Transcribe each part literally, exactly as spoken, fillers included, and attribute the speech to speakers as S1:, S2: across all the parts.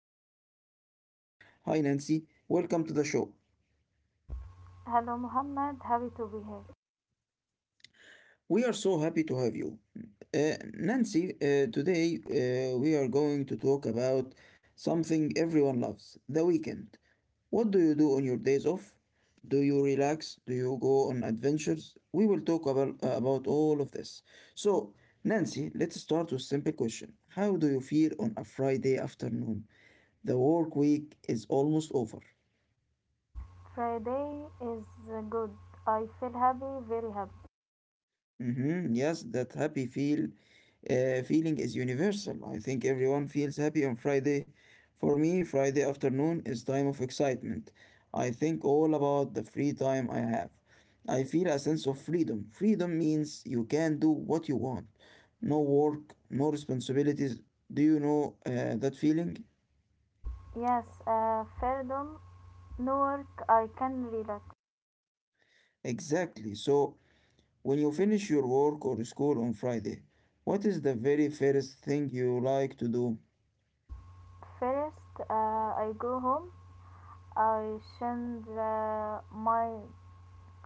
S1: guest. Her name is Nancy. Hi, Nancy. Welcome to the show.
S2: Hello Muhammad, happy to be here.
S1: We are so happy to have you. Uh, Nancy, uh, today uh, we are going to talk about something everyone loves, the weekend. What do you do on your days off? Do you relax? Do you go on adventures? We will talk about, uh, about all of this. So, Nancy, let's start with simple question. How do you feel on a Friday afternoon? The work week is almost over.
S2: Friday is uh, good. I feel happy, very happy.
S1: Mm-hmm. Yes, that happy feel uh, feeling is universal. I think everyone feels happy on Friday. For me, Friday afternoon is time of excitement. I think all about the free time I have. I feel a sense of freedom. Freedom means you can do what you want. No work, no responsibilities. Do you know uh, that feeling?
S2: Yes, uh, freedom, no work, I can relax.
S1: Exactly. So, when you finish your work or school on Friday, what is the very first thing you like to do?
S2: First, uh, I go home, I change uh, my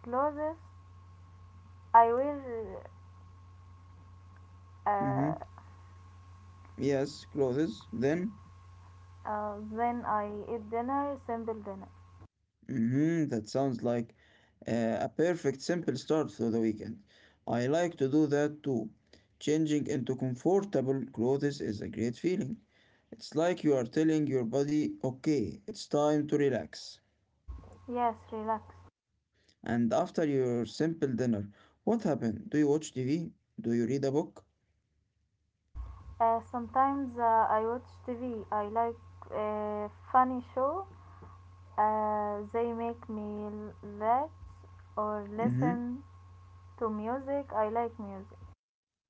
S2: clothes, I wear, uh,
S1: Mm-hmm. Yes, clothes. Then,
S2: uh, then I eat dinner, simple dinner.
S1: hmm that sounds like uh, a perfect simple start to the weekend. I like to do that too. Changing into comfortable clothes is a great feeling. It's like you are telling your body, okay, it's time to relax.
S2: Yes, relax.
S1: And after your simple dinner, what happened? Do you watch T V? Do you read a book?
S2: Uh, sometimes uh, I watch T V, I like uh, funny show. Uh, they make me laugh or
S1: Mm-hmm.
S2: listen to music. I like music.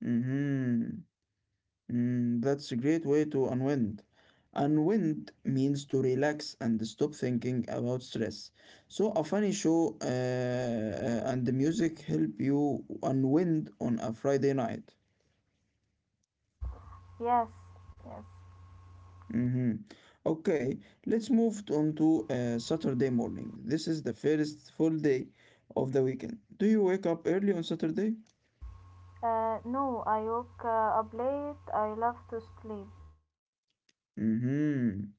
S1: Mm-hmm. Mm, that's a great way to unwind. Unwind means to relax and stop thinking about stress. So, a funny show uh, uh, and the music help you unwind on a Friday night.
S2: Yes, yes.
S1: hmm Okay, let's move on to uh, Saturday morning. This is the first full day of the weekend. Do you wake up early on Saturday?
S2: Uh, no, I woke uh, up late. I love to sleep.
S1: Mm-hmm.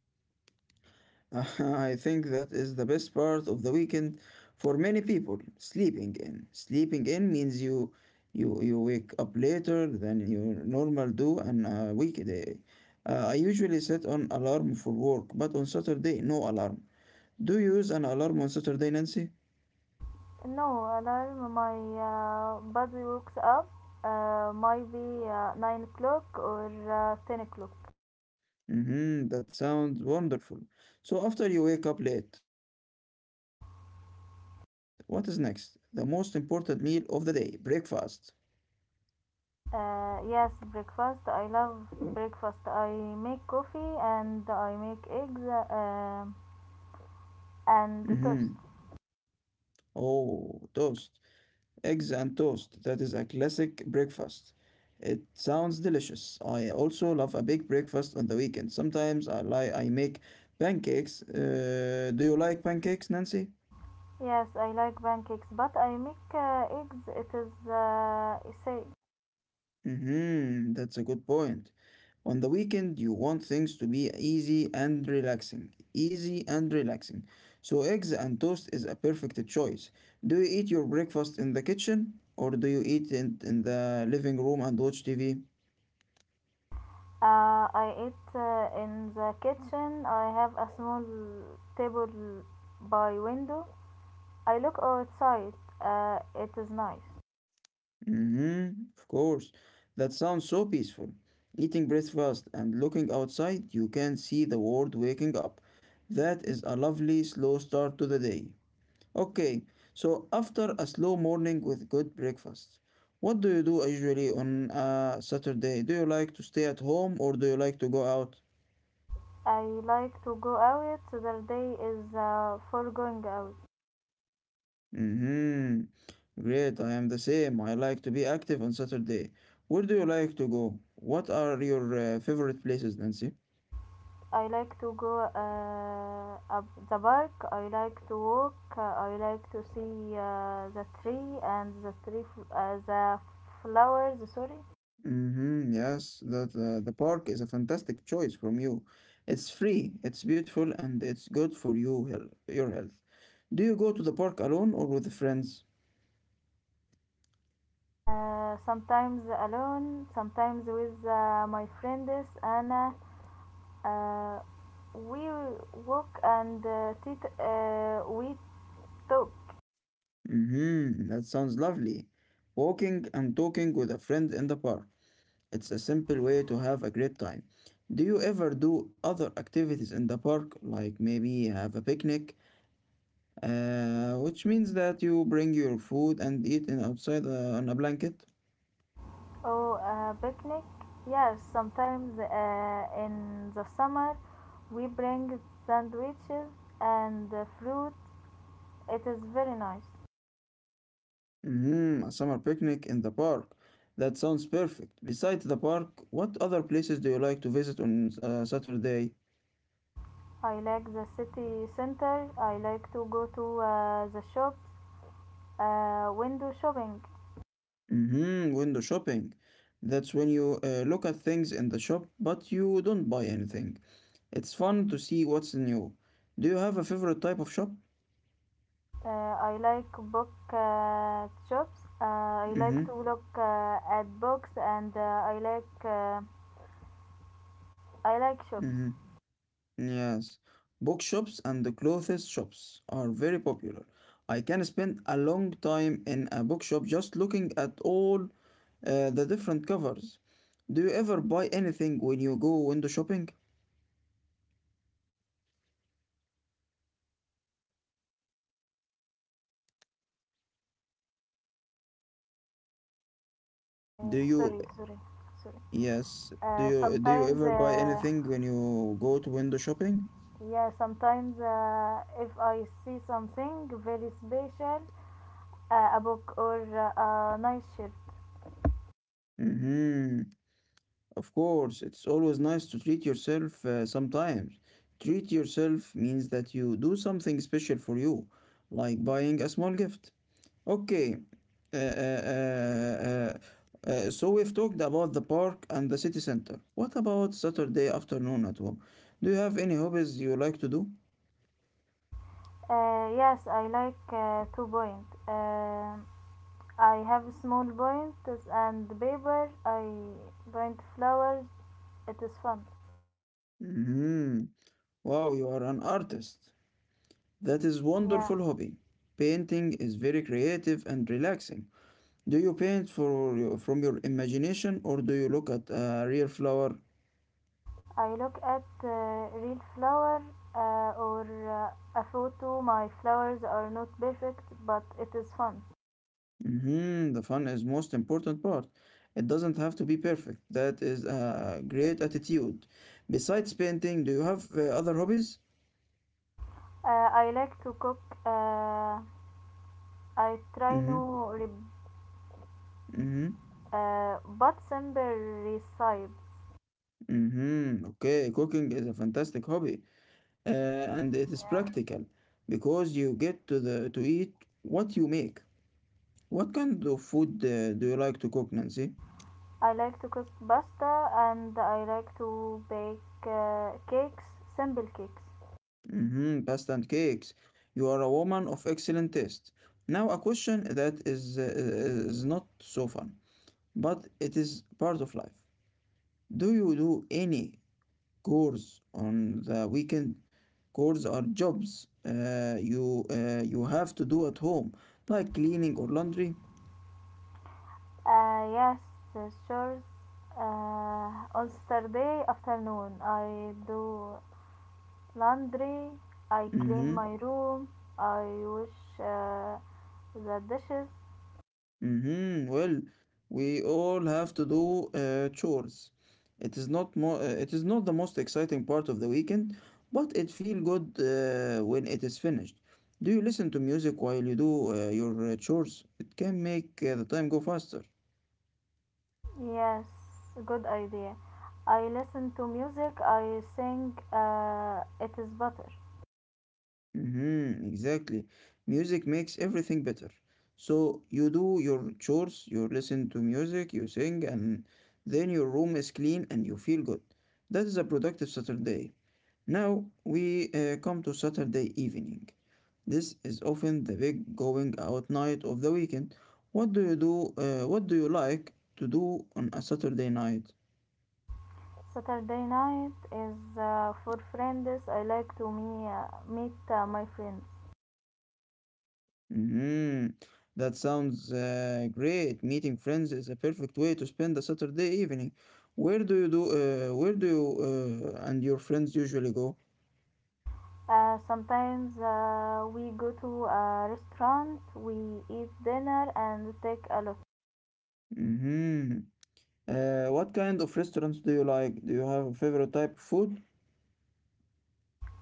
S1: I think that is the best part of the weekend for many people. Sleeping in. Sleeping in means you you you wake up later than you normal do on a weekday. Uh, I usually set an alarm for work, but on Saturday no alarm. Do you use an alarm on Saturday, Nancy?
S2: No alarm. My uh, body wakes up. Uh, maybe uh, nine o'clock or uh, ten o'clock.
S1: Mm-hmm, that sounds wonderful. So after you wake up late, what is next? The most important meal of the day, breakfast.
S2: Uh, yes, breakfast. I love breakfast. I make coffee and I make eggs uh,
S1: Mm-hmm.
S2: and toast.
S1: Oh, toast. Eggs and toast, that is a classic breakfast. It sounds delicious. I also love a big breakfast on the weekend. Sometimes I like I make pancakes. Uh, do you like pancakes, Nancy?
S2: Yes, I like pancakes, but I make uh, eggs. It is uh, you say
S1: Mm-hmm, that's a good point. On the weekend, you want things to be easy and relaxing. Easy and relaxing. So eggs and toast is a perfect choice. Do you eat your breakfast in the kitchen or do you eat it in the living room and watch T V?
S2: uh, I eat uh, in the kitchen. I have a small table by window. I look outside. Uh, it is nice.
S1: Mm-hmm, of course. That sounds so peaceful. Eating breakfast and looking outside, you can see the world waking up. That is a lovely slow start to the day. Okay, so after a slow morning with good breakfast, what do you do usually on a Saturday? Do you like to stay at home or do you like to go out?
S2: I like to go out. The day is uh, for going out.
S1: Mm-hmm. Great, I am the same. I like to be active on Saturday. Where do you like to go? What are your uh, favorite places, Nancy?
S2: I like to go uh, up the park. I like to walk. Uh, I like to see uh, the tree and the tree, f- uh, the flowers. Sorry.
S1: Mm-hmm, yes, that uh, the park is a fantastic choice from you. It's free, it's beautiful, and it's good for you, health, your health. Do you go to the park alone or with friends?
S2: Uh, sometimes alone, sometimes with uh, my friends. Anna, uh, we walk and uh, uh, we talk.
S1: Mm-hmm, that sounds lovely. Walking and talking with a friend in the park. It's a simple way to have a great time. Do you ever do other activities in the park, like maybe have a picnic, uh, which means that you bring your food and eat in outside uh, on a blanket?
S2: Oh, uh, picnic. Yes, sometimes uh, in the summer we bring sandwiches and uh, fruit. It is very nice.
S1: Mm, a summer picnic in the park. That sounds perfect. Besides the park, what other places do you like to visit on uh, Saturday?
S2: I like the city center. I like to go to uh, the shops, uh, window shopping.
S1: Mm-hmm, window shopping. That's when you uh, look at things in the shop, but you don't buy anything. It's fun to see what's new. Do you have a favorite type of shop?
S2: Uh, I like book uh, shops. Uh, I like
S1: Mm-hmm,
S2: to look uh, at books, and uh, I like uh, I like shops.
S1: mm-hmm. Yes. Bookshops and the clothes shops are very popular. I can spend a long time in a bookshop just looking at all Uh, the different covers. Do you ever buy anything when you go window shopping? Do
S2: Uh,
S1: you
S2: sorry, sorry, sorry.
S1: Yes? Do
S2: Uh,
S1: you do you
S2: sometimes,
S1: ever buy
S2: uh,
S1: anything when you go to window shopping?
S2: yeah, sometimes uh, if I see something very special, uh, a book or uh, a nice shirt.
S1: Mm-hmm. Of course, it's always nice to treat yourself uh, sometimes. Treat yourself means that you do something special for you, like buying a small gift. Okay. Uh, uh, uh, uh, uh, so we've talked about the park and the city center. What about Saturday afternoon at home? Do you have any hobbies you like to do?
S2: Uh, yes, I like uh, two point. Um I have small points and paper. I paint flowers. It is fun.
S1: Hmm. Wow, you are an artist. That is
S2: Yeah,
S1: wonderful hobby. Painting is very creative and relaxing. Do you paint for your, from your imagination or do you look at a real flower?
S2: I look at uh, real flower uh, or uh, a photo. My flowers are not perfect, but it is fun.
S1: hmm The fun is most important part. It doesn't have to be perfect. That is a great attitude. Besides painting, do you have uh, other hobbies?
S2: Uh, I like to cook. Uh, I try
S1: Mm-hmm.
S2: new re-
S1: Mm-hmm.
S2: uh, but simple recipes.
S1: Mm-hmm. Okay, cooking is a fantastic hobby, uh, and it is practical because you get to the to eat what you make. What kind of food uh, do you like to cook, Nancy?
S2: I like to cook pasta and I like to bake uh, cakes, simple cakes.
S1: Mm-hmm. Pasta and cakes. You are a woman of excellent taste. Now, a question that is uh, is not so fun, but it is part of life. Do you do any chores on the weekend? Chores are jobs uh, you uh, you have to do at home, like cleaning or laundry.
S2: Uh, yes, uh, sure. Uh, on Saturday afternoon, I do laundry, I clean
S1: Mm-hmm.
S2: my room, I wash uh, the dishes.
S1: Mm-hmm. Well, we all have to do uh, chores. It is not more. Uh, it is not the most exciting part of the weekend, but it feels good uh, when it is finished. Do you listen to music while you do uh, your uh, chores? It can make uh, the time go faster.
S2: Yes, good idea. I listen to music, I sing, uh, it is better.
S1: Mm-hmm, exactly. Music makes everything better. So you do your chores, you listen to music, you sing, and then your room is clean and you feel good. That is a productive Saturday. Now we uh, come to Saturday evening. This is often the big going out night of the weekend. What do you do? Uh, what do you like to do on a Saturday night?
S2: Saturday night is uh, for friends. I like to me, uh, meet uh, my friends.
S1: hmm That sounds uh, great. Meeting friends is a perfect way to spend a Saturday evening. Where do you do? Uh, where do you uh, and your friends usually go?
S2: Uh, sometimes uh, we go to a restaurant, we eat dinner and take a lot.
S1: hmm Uh, what kind of restaurants do you like? Do you have a favorite type of food?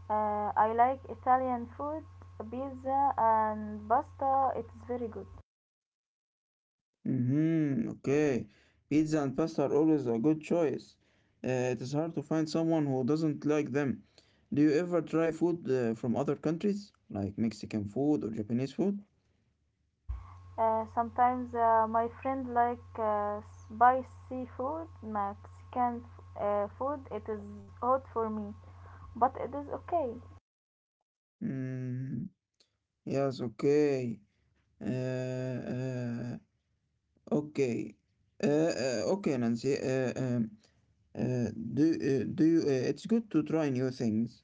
S2: Uh, I like Italian food, pizza and pasta. It's very good.
S1: hmm Okay, pizza and pasta are always a good choice. Uh, it is hard to find someone who doesn't like them. Do you ever try food uh, from other countries, like Mexican food or Japanese food?
S2: Uh, sometimes uh, my friend like uh, spicy food, Mexican uh, food. It is hot for me, but it is okay.
S1: Mm. Yes, okay. Uh, uh, okay. Uh, uh, okay, Nancy. Uh, um, uh, do, uh, do you, uh, it's good to try new things,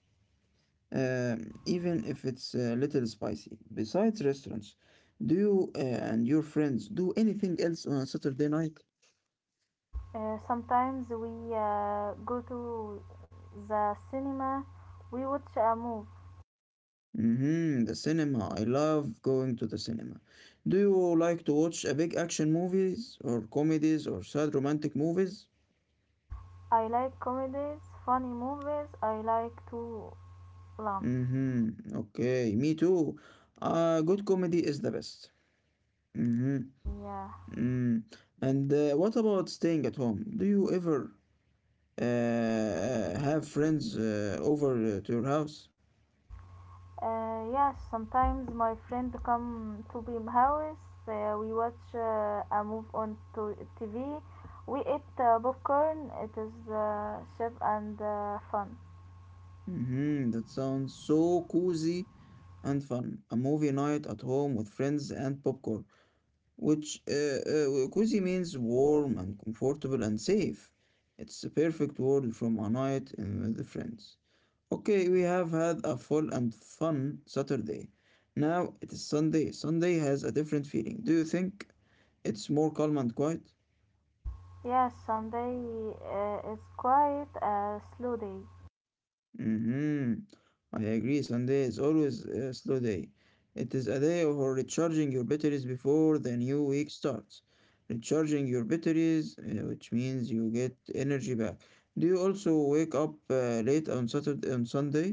S1: um, even if it's a little spicy. Besides restaurants, do you uh, and your friends do anything else on a Saturday night?
S2: Uh, sometimes we uh, go to the cinema, we watch a movie.
S1: Mm-hmm, the cinema. I love going to the cinema. Do you like to watch a big action movies or comedies or sad romantic movies?
S2: I like comedies, funny movies, I like to laugh.
S1: Mhm. Okay, me too. Uh, good comedy is the best. Mhm.
S2: Yeah.
S1: Mm. And uh, what about staying at home? Do you ever uh, have friends uh, over uh, to your house?
S2: Uh, yes, sometimes my friend come to my house, uh, we watch uh, a movie on to T V, we eat uh, popcorn, it is uh, cheap and uh, fun.
S1: Mhm. That sounds so cozy and fun. A movie night at home with friends and popcorn, which uh, uh, cozy means warm and comfortable and safe. It's a perfect word from a night in with the friends. Okay, we have had a full and fun Saturday. Now it is Sunday. Sunday has a different feeling. Do you think it's more calm and quiet?
S2: Yes, Sunday uh, is quiet, a uh, slow day.
S1: Mm-hmm. I agree. Sunday is always a slow day. It is a day for recharging your batteries before the new week starts. Recharging your batteries, uh, which means you get energy back. Do you also wake up uh, late on Saturday on Sunday?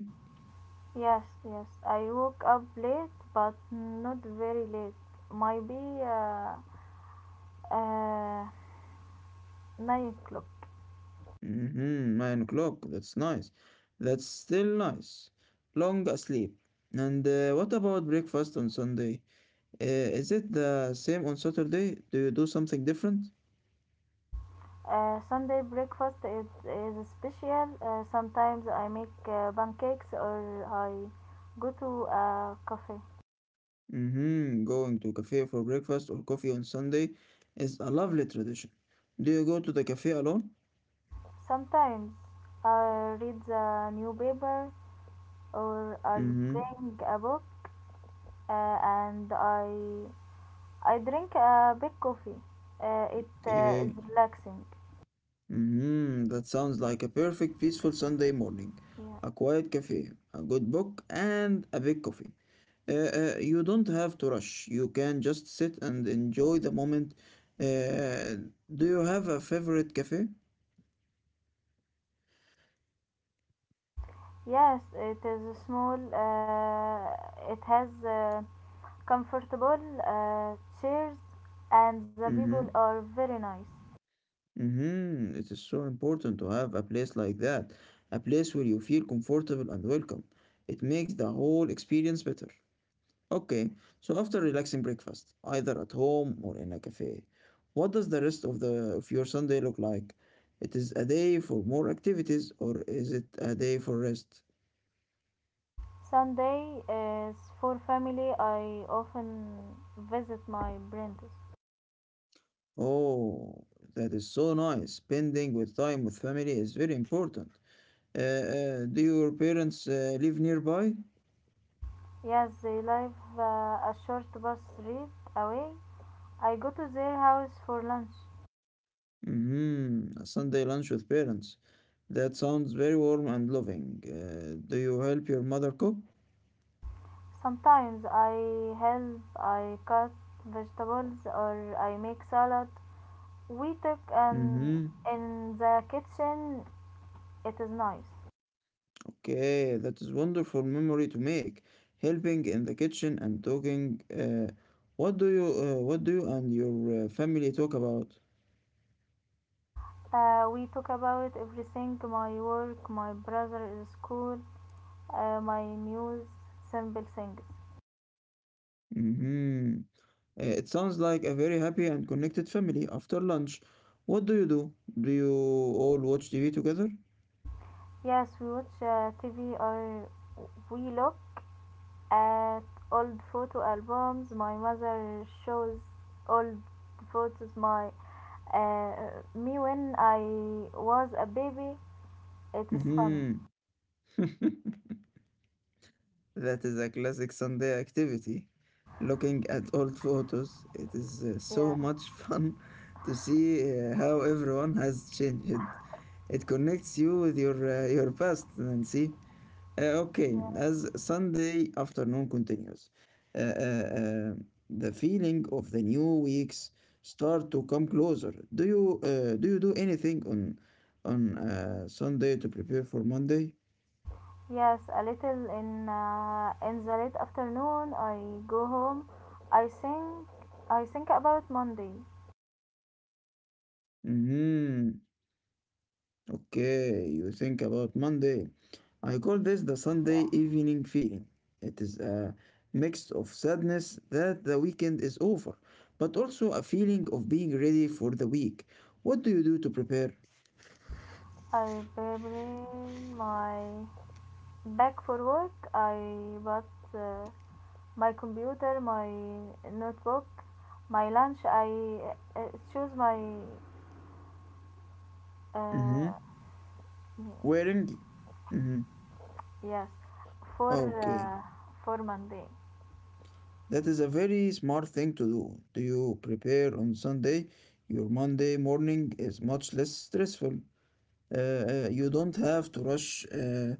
S2: Yes, yes. I woke up late, but not very late. Might be uh, uh, nine o'clock.
S1: Mm-hmm, nine o'clock. That's nice. That's still nice. Long sleep. And uh, what about breakfast on Sunday? Uh, is it the same on Saturday? Do you do something different?
S2: Uh, Sunday breakfast is, is special. Uh, sometimes I make uh, pancakes or I go to a cafe.
S1: Mm-hmm, going to cafe for breakfast or coffee on Sunday is a lovely tradition. Do you go to the cafe alone?
S2: Sometimes I read the newspaper or I
S1: Mm-hmm,
S2: bring a book uh, and I I drink a big coffee. Uh, it uh, is
S1: okay.
S2: relaxing.
S1: Mm-hmm, that sounds like a perfect peaceful Sunday morning.
S2: Yeah.
S1: A quiet cafe, a good book, and a big coffee. Uh, uh, you don't have to rush. You can just sit and enjoy the moment. Uh, do you have a favorite cafe?
S2: Yes, it is small. Uh, it has uh, comfortable uh, chairs, and the people
S1: Mm-hmm.
S2: are very nice.
S1: Mm-hmm. It is so important to have a place like that, a place where you feel comfortable and welcome. It makes the whole experience better. Okay, so after relaxing breakfast, either at home or in a cafe, what does the rest of the of your Sunday look like? It is a day for more activities or is it a day for rest?
S2: Sunday is for family. I often visit my parents.
S1: Oh, that is so nice. Spending with time with family is very important. Uh, uh, do your parents uh, live nearby?
S2: Yes, they live uh, a short bus ride away. I go to their house for lunch.
S1: Hmm. A Sunday lunch with parents. That sounds very warm and loving. Uh, do you help your mother cook?
S2: Sometimes I help. I cut vegetables or I make salad. We took um
S1: Hmm.
S2: in the kitchen. It is nice.
S1: Okay, that is wonderful memory to make. Helping in the kitchen and talking. Uh, what do you uh, what do you and your uh, family talk about?
S2: Uh, we talk about everything. My work, my brother is school, uh, my news, simple things.
S1: Mhm. Uh, It sounds like a very happy and connected family after lunch. What do you do? Do you all watch T V together?
S2: Yes, we watch uh, T V or we look at old photo albums. My mother shows old photos. My uh, me when I was a baby. It is funny.
S1: Hmm. That is a classic Sunday activity. Looking at old photos, it is uh, so
S2: Yeah.
S1: much fun to see uh, how everyone has changed. It connects you with your uh, your past, Nancy. Uh, okay, as Sunday afternoon continues, uh, uh, uh, the feeling of the new weeks start to come closer. Do you uh, do you do anything on on uh, Sunday to prepare for Monday?
S2: Yes, a little in uh, in the late afternoon. I go home. I think I think about Monday.
S1: Hmm. Okay, you think about Monday. I call this the Sunday
S2: Yeah,
S1: evening feeling. It is a mix of sadness that the weekend is over, but also a feeling of being ready for the week. What do you do to prepare?
S2: I prepare my back for work. I bought uh, my computer, my notebook, my lunch. I uh, choose my
S1: Mhm.
S2: uh,
S1: Wearing? Mhm.
S2: yes for
S1: Okay.
S2: uh, for Monday.
S1: That is a very smart thing to do. Do you prepare on Sunday? Your Monday morning is much less stressful. Uh, uh, you don't have to rush. Uh,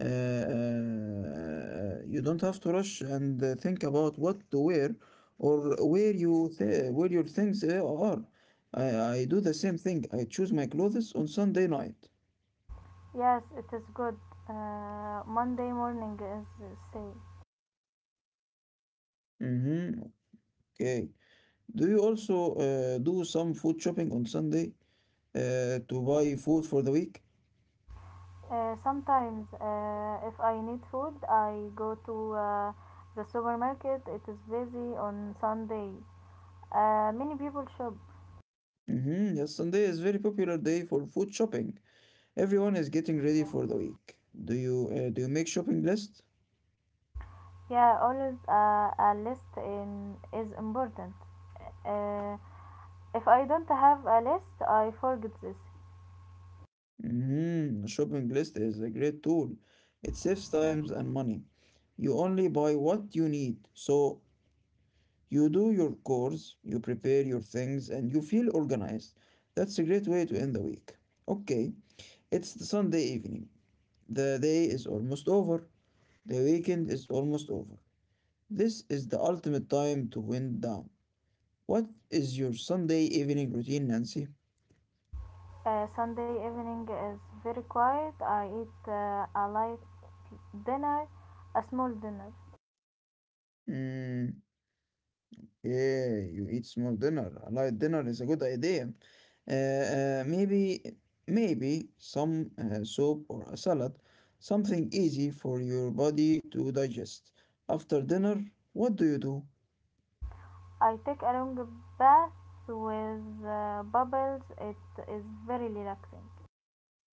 S1: uh, uh, You don't have to rush and uh, think about what to wear or where you th- where your things uh, are. I, I do the same thing. I choose my clothes on Sunday night.
S2: Yes, it is good. Uh, Monday morning is safe.
S1: Mm-hmm. Okay. Do you also uh, do some food shopping on Sunday uh, to buy food for the week?
S2: Uh, sometimes, uh, if I need food, I go to uh, the supermarket. It is busy on Sunday. Uh, many people shop.
S1: Mm-hmm. Yes, Sunday is very popular day for food shopping. Everyone is getting ready for the week. Do you uh, do you make shopping list?
S2: Yeah, always uh, a list in is important. Uh, if I don't have a list, I forget this.
S1: Mm-hmm. Shopping list is a great tool. It saves
S2: Yeah.
S1: times and money. You only buy what you need. So you do your chores, you prepare your things, and you feel organized. That's a great way to end the week. Okay, it's the Sunday evening. The day is almost over. The weekend is almost over. This is the ultimate time to wind down. What is your Sunday evening routine, Nancy?
S2: Uh, Sunday evening is very quiet. I eat uh, a light dinner, a small dinner.
S1: Hmm. Yeah, you eat small dinner. A light dinner is a good idea. Uh, uh, maybe, maybe some uh, soup or a salad, something easy for your body to digest. After dinner, what do you do?
S2: I take a long bath with uh, bubbles. It is very relaxing.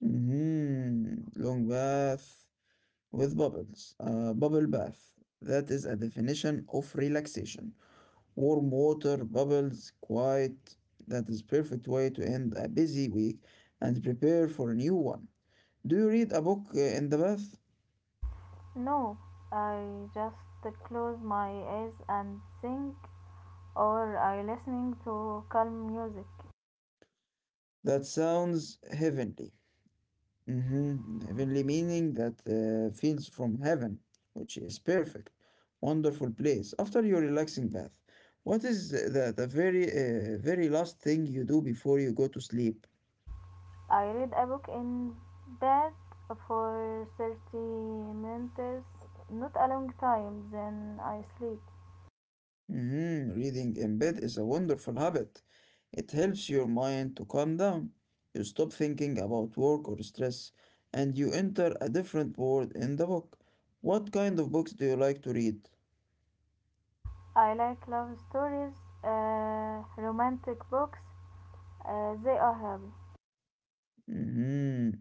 S1: Hmm. Long bath. With bubbles, uh, bubble bath. That is a definition of relaxation. Warm water, bubbles, quiet. That is perfect way to end a busy week and prepare for a new one. Do you read a book uh, in the bath?
S2: No, I just close my eyes and think, or I listening to calm music.
S1: That sounds heavenly. Mhm. Heavenly meaning that uh, feels from heaven, which is perfect, wonderful place. After your relaxing bath, what is the, the very, uh, very last thing you do before you go to sleep?
S2: I read a book in bed for thirty minutes, not a long time, then I sleep.
S1: Mhm. Reading in bed is a wonderful habit. It helps your mind to calm down. You stop thinking about work or stress, and you enter a different world in the book. What kind of books do you like to read?
S2: I like love stories, uh, romantic books. Uh, they are happy.
S1: Mhm.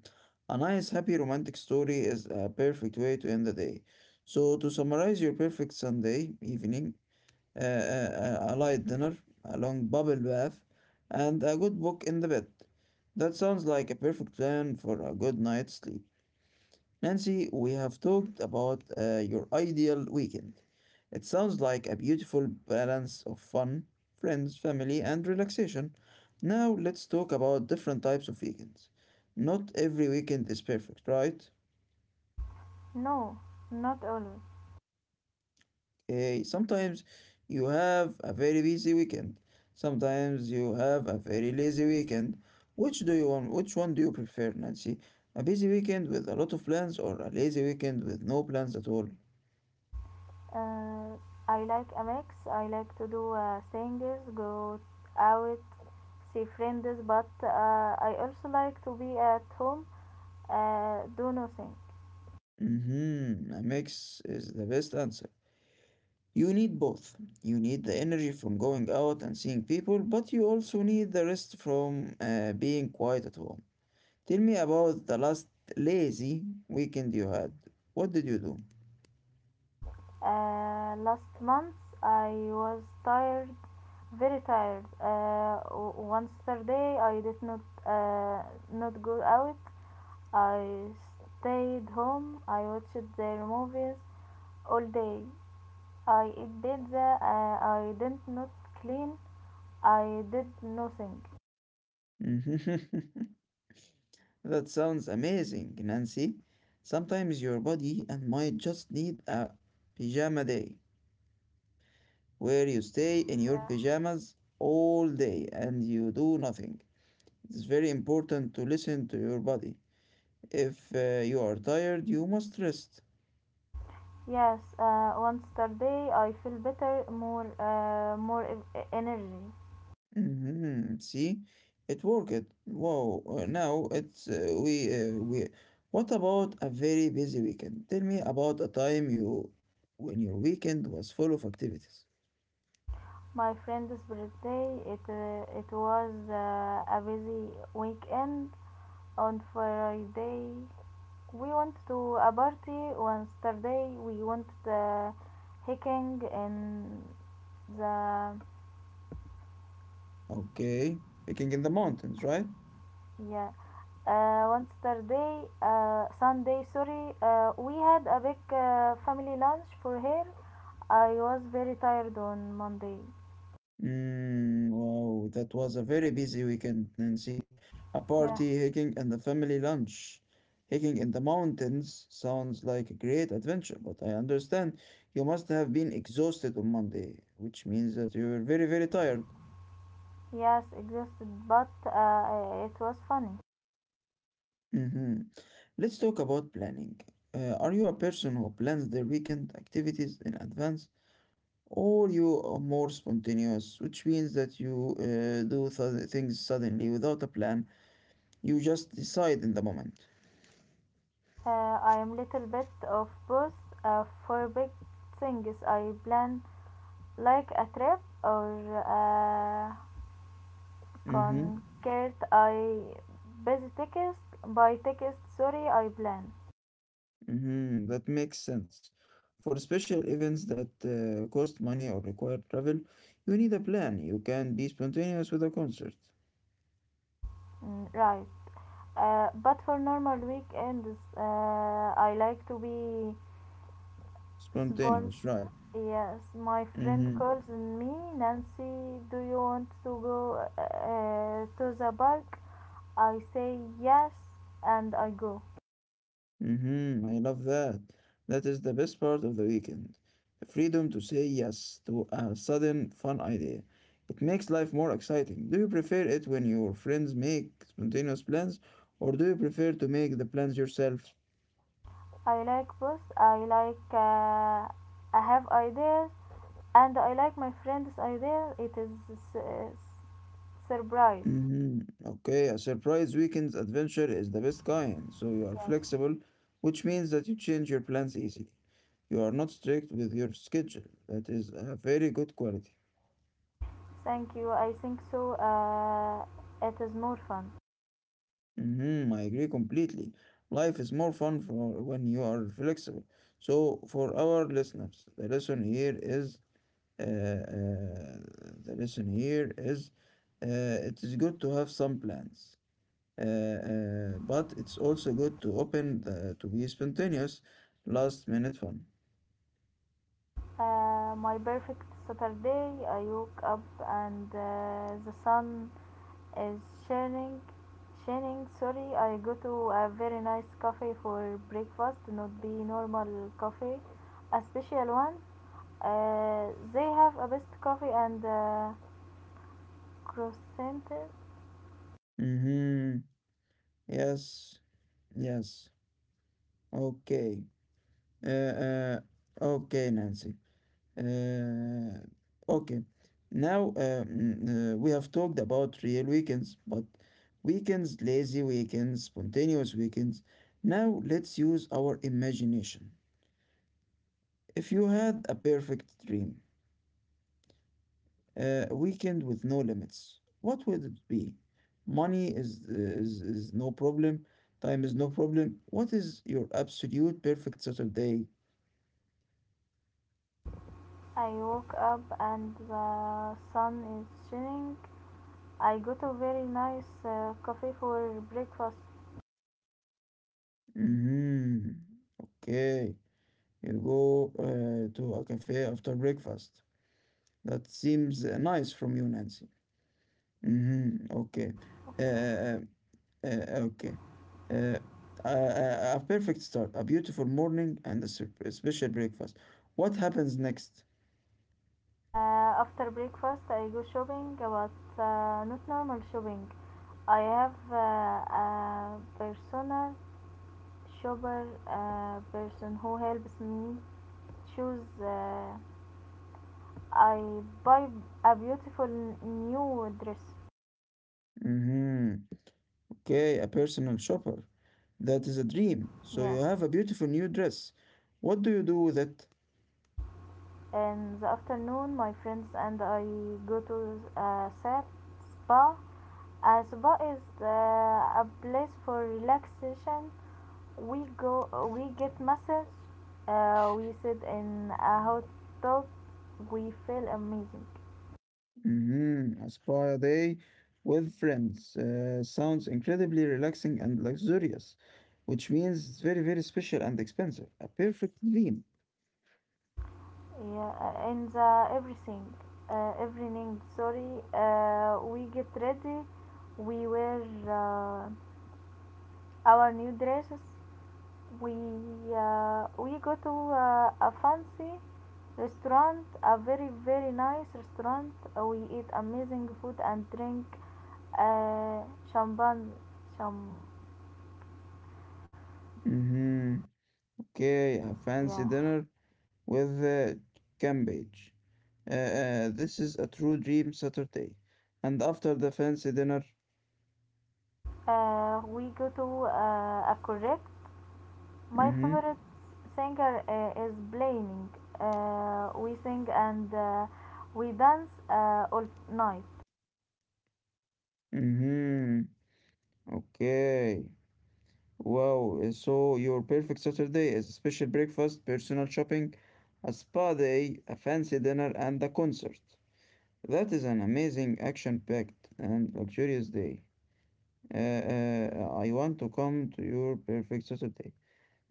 S1: A nice, happy, romantic story is a perfect way to end the day. So, to summarize your perfect Sunday evening, uh, a, a light dinner, a long bubble bath, and a good book in the bed. That sounds like a perfect plan for a good night's sleep. Nancy, we have talked about uh, your ideal weekend. It sounds like a beautiful balance of fun, friends, family, and relaxation. Now let's talk about different types of weekends. Not every weekend is perfect, right?
S2: No, not always.
S1: Eh, sometimes you have a very busy weekend. Sometimes you have a very lazy weekend. Which do you want? Which one do you prefer, Nancy? A busy weekend with a lot of plans or a lazy weekend with no plans at all?
S2: Uh, I like a mix. I like to do uh, things, go out, see friends, but uh, I also like to be at home, uh, do nothing.
S1: Mm-hmm. A mix is the best answer. You need both. You need the energy from going out and seeing people, but you also need the rest from uh, being quiet at home. Tell me about the last lazy weekend you had. What did you
S2: Uh, last month I was tired, very tired. Uh, w- one Saturday I did not uh, not go out. I stayed home. I watched their movies all day. I ate pizza. Uh, I did not clean. I did nothing.
S1: do? That sounds amazing, Nancy. Sometimes your body and mind just need a pajama day where you stay in your
S2: Yeah.
S1: pajamas all day and you do nothing. It's very important to listen to your body. If uh, you are tired, you must rest.
S2: Yes, uh, one Saturday I feel better, more uh, more e- e-, energy.
S1: Mhm. See, it worked. Wow, uh, now it's uh, we uh, we. What about a very busy weekend? Tell me about a time you when your weekend was full of activities.
S2: My friend's birthday. It uh, it was uh, a busy weekend. On Friday, we went to a party. On Saturday, we went uh, hiking in the
S1: Okay, hiking in the mountains, right?
S2: yeah. Uh, on Saturday, uh, Sunday, sorry, uh, we had a big uh, family lunch for her. I was very tired on Monday.
S1: Mm, wow, that was a very busy weekend, Nancy. A
S2: Yeah.
S1: party, hiking, and a family lunch. Hiking in the mountains sounds like a great adventure, but I understand you must have been exhausted on Monday, which means that you were very, very tired.
S2: Yes, exhausted, but uh, it was funny.
S1: Mm-hmm. Let's talk about planning. Uh, are you a person who plans their weekend activities in advance? Or you are more spontaneous, which means that you uh, do th- things suddenly without a plan. You just decide in the moment.
S2: Uh, I am little bit of both. Uh, for big things, I plan like a trip or a
S1: Mm-hmm.
S2: concert. I busy text by text. Sorry, I plan.
S1: Mm-hmm. That makes sense. For special events that uh, cost money or require travel, you need a plan. You can be spontaneous with a concert.
S2: Mm, right. Uh, but for normal weekends, uh, I like to be Spons,
S1: Spontaneous, right?
S2: yes, my friend
S1: Mm-hmm.
S2: calls me Nancy. Do you want to go uh, to the park? I say yes, and I go.
S1: Mm-hmm, I love that. That is the best part of the weekend. The freedom to say yes to a sudden fun idea. It makes life more exciting. Do you prefer it when your friends make spontaneous plans, or do you prefer to make the plans yourself?
S2: I like books. I like. Uh, I have ideas, and I like my friend's idea. It is uh, surprise.
S1: Mm-hmm. Okay, a surprise weekend adventure is the best kind, so you are
S2: Yes,
S1: flexible, which means that you change your plans easily. You are not strict with your schedule. That is a very good quality.
S2: thank you. I think so. Uh, it is more fun.
S1: Mm-hmm, I agree completely. Life is more fun for when you are flexible. So, for our listeners, the lesson here is uh, uh, the lesson here is uh, it is good to have some plans, uh, uh, but it's also good to open the, to be spontaneous, last minute fun.
S2: Uh, my perfect Saturday. I woke up and uh, the sun is shining. Shining, sorry, I go to a very nice cafe for breakfast, not be normal cafe, a special one. Uh, they have a best coffee and uh, croissant.
S1: Mm-hmm. Yes. Yes. Okay. Uh, uh, okay, Nancy. Uh, okay, now uh, mm, uh, we have talked about real weekends, but weekends, lazy weekends, spontaneous weekends. Now let's use our imagination. If you had a perfect dream, uh, a weekend with no limits, what would it be? Money is, is, is no problem, time is no problem. What is your absolute perfect Saturday?
S2: I woke up and the sun is shining. I go to very nice uh, coffee for breakfast.
S1: Mm-hmm. Okay. You go uh, to a cafe after breakfast. That seems uh, nice from you, Nancy. Mm-hmm. Okay. Uh,
S2: Okay.
S1: uh, uh, okay. Uh, a, a perfect start, a beautiful morning, and a, sur- a special breakfast. What happens next?
S2: Uh, after breakfast, I go shopping, but uh, not normal shopping. I have uh, a personal shopper, a person who helps me choose. Uh, I buy a beautiful new dress.
S1: Mm-hmm. Okay, a personal shopper. That is a dream. So you
S2: Yeah.
S1: have a beautiful new dress. What do you do with it?
S2: In the afternoon, my friends and I go to a sap spa. A spa is uh, a place for relaxation. We go, we get massage. Uh, we sit in a hot tub. We feel amazing.
S1: Mm-hmm. A spa day with friends uh, sounds incredibly relaxing and luxurious, which means it's very, very special and expensive. A perfect dream.
S2: Yeah, uh, in the everything, uh, evening. Sorry, uh, we get ready. We wear uh, our new dresses we uh, we go to uh, a fancy restaurant, a very very nice restaurant. Uh, we eat amazing food and drink uh, champagne. cham-
S1: Mm-hmm. Okay, a fancy
S2: yeah,
S1: dinner with uh, cabbage. Uh, uh, this is a true dream Saturday. And after the fancy dinner,
S2: uh, we go to uh, a correct my
S1: mm-hmm.
S2: favorite singer uh, is blaming, uh, we sing and uh, we dance uh, all night.
S1: Mm-hmm. Okay. Wow. uh, so your perfect Saturday is a special breakfast, personal shopping, a spa day, a fancy dinner, and a concert. That is an amazing, action-packed, and luxurious day. Uh, uh, I want to come to your perfect Saturday.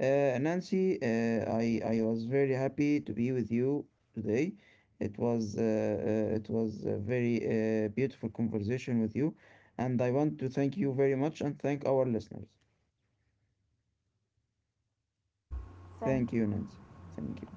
S1: Uh, Nancy, uh, I I was very happy to be with you today. It was uh, uh, it was a very uh, beautiful conversation with you, and I want to thank you very much and thank our listeners.
S2: Thank
S1: Thank you,
S2: you.
S1: Nancy. Thank you.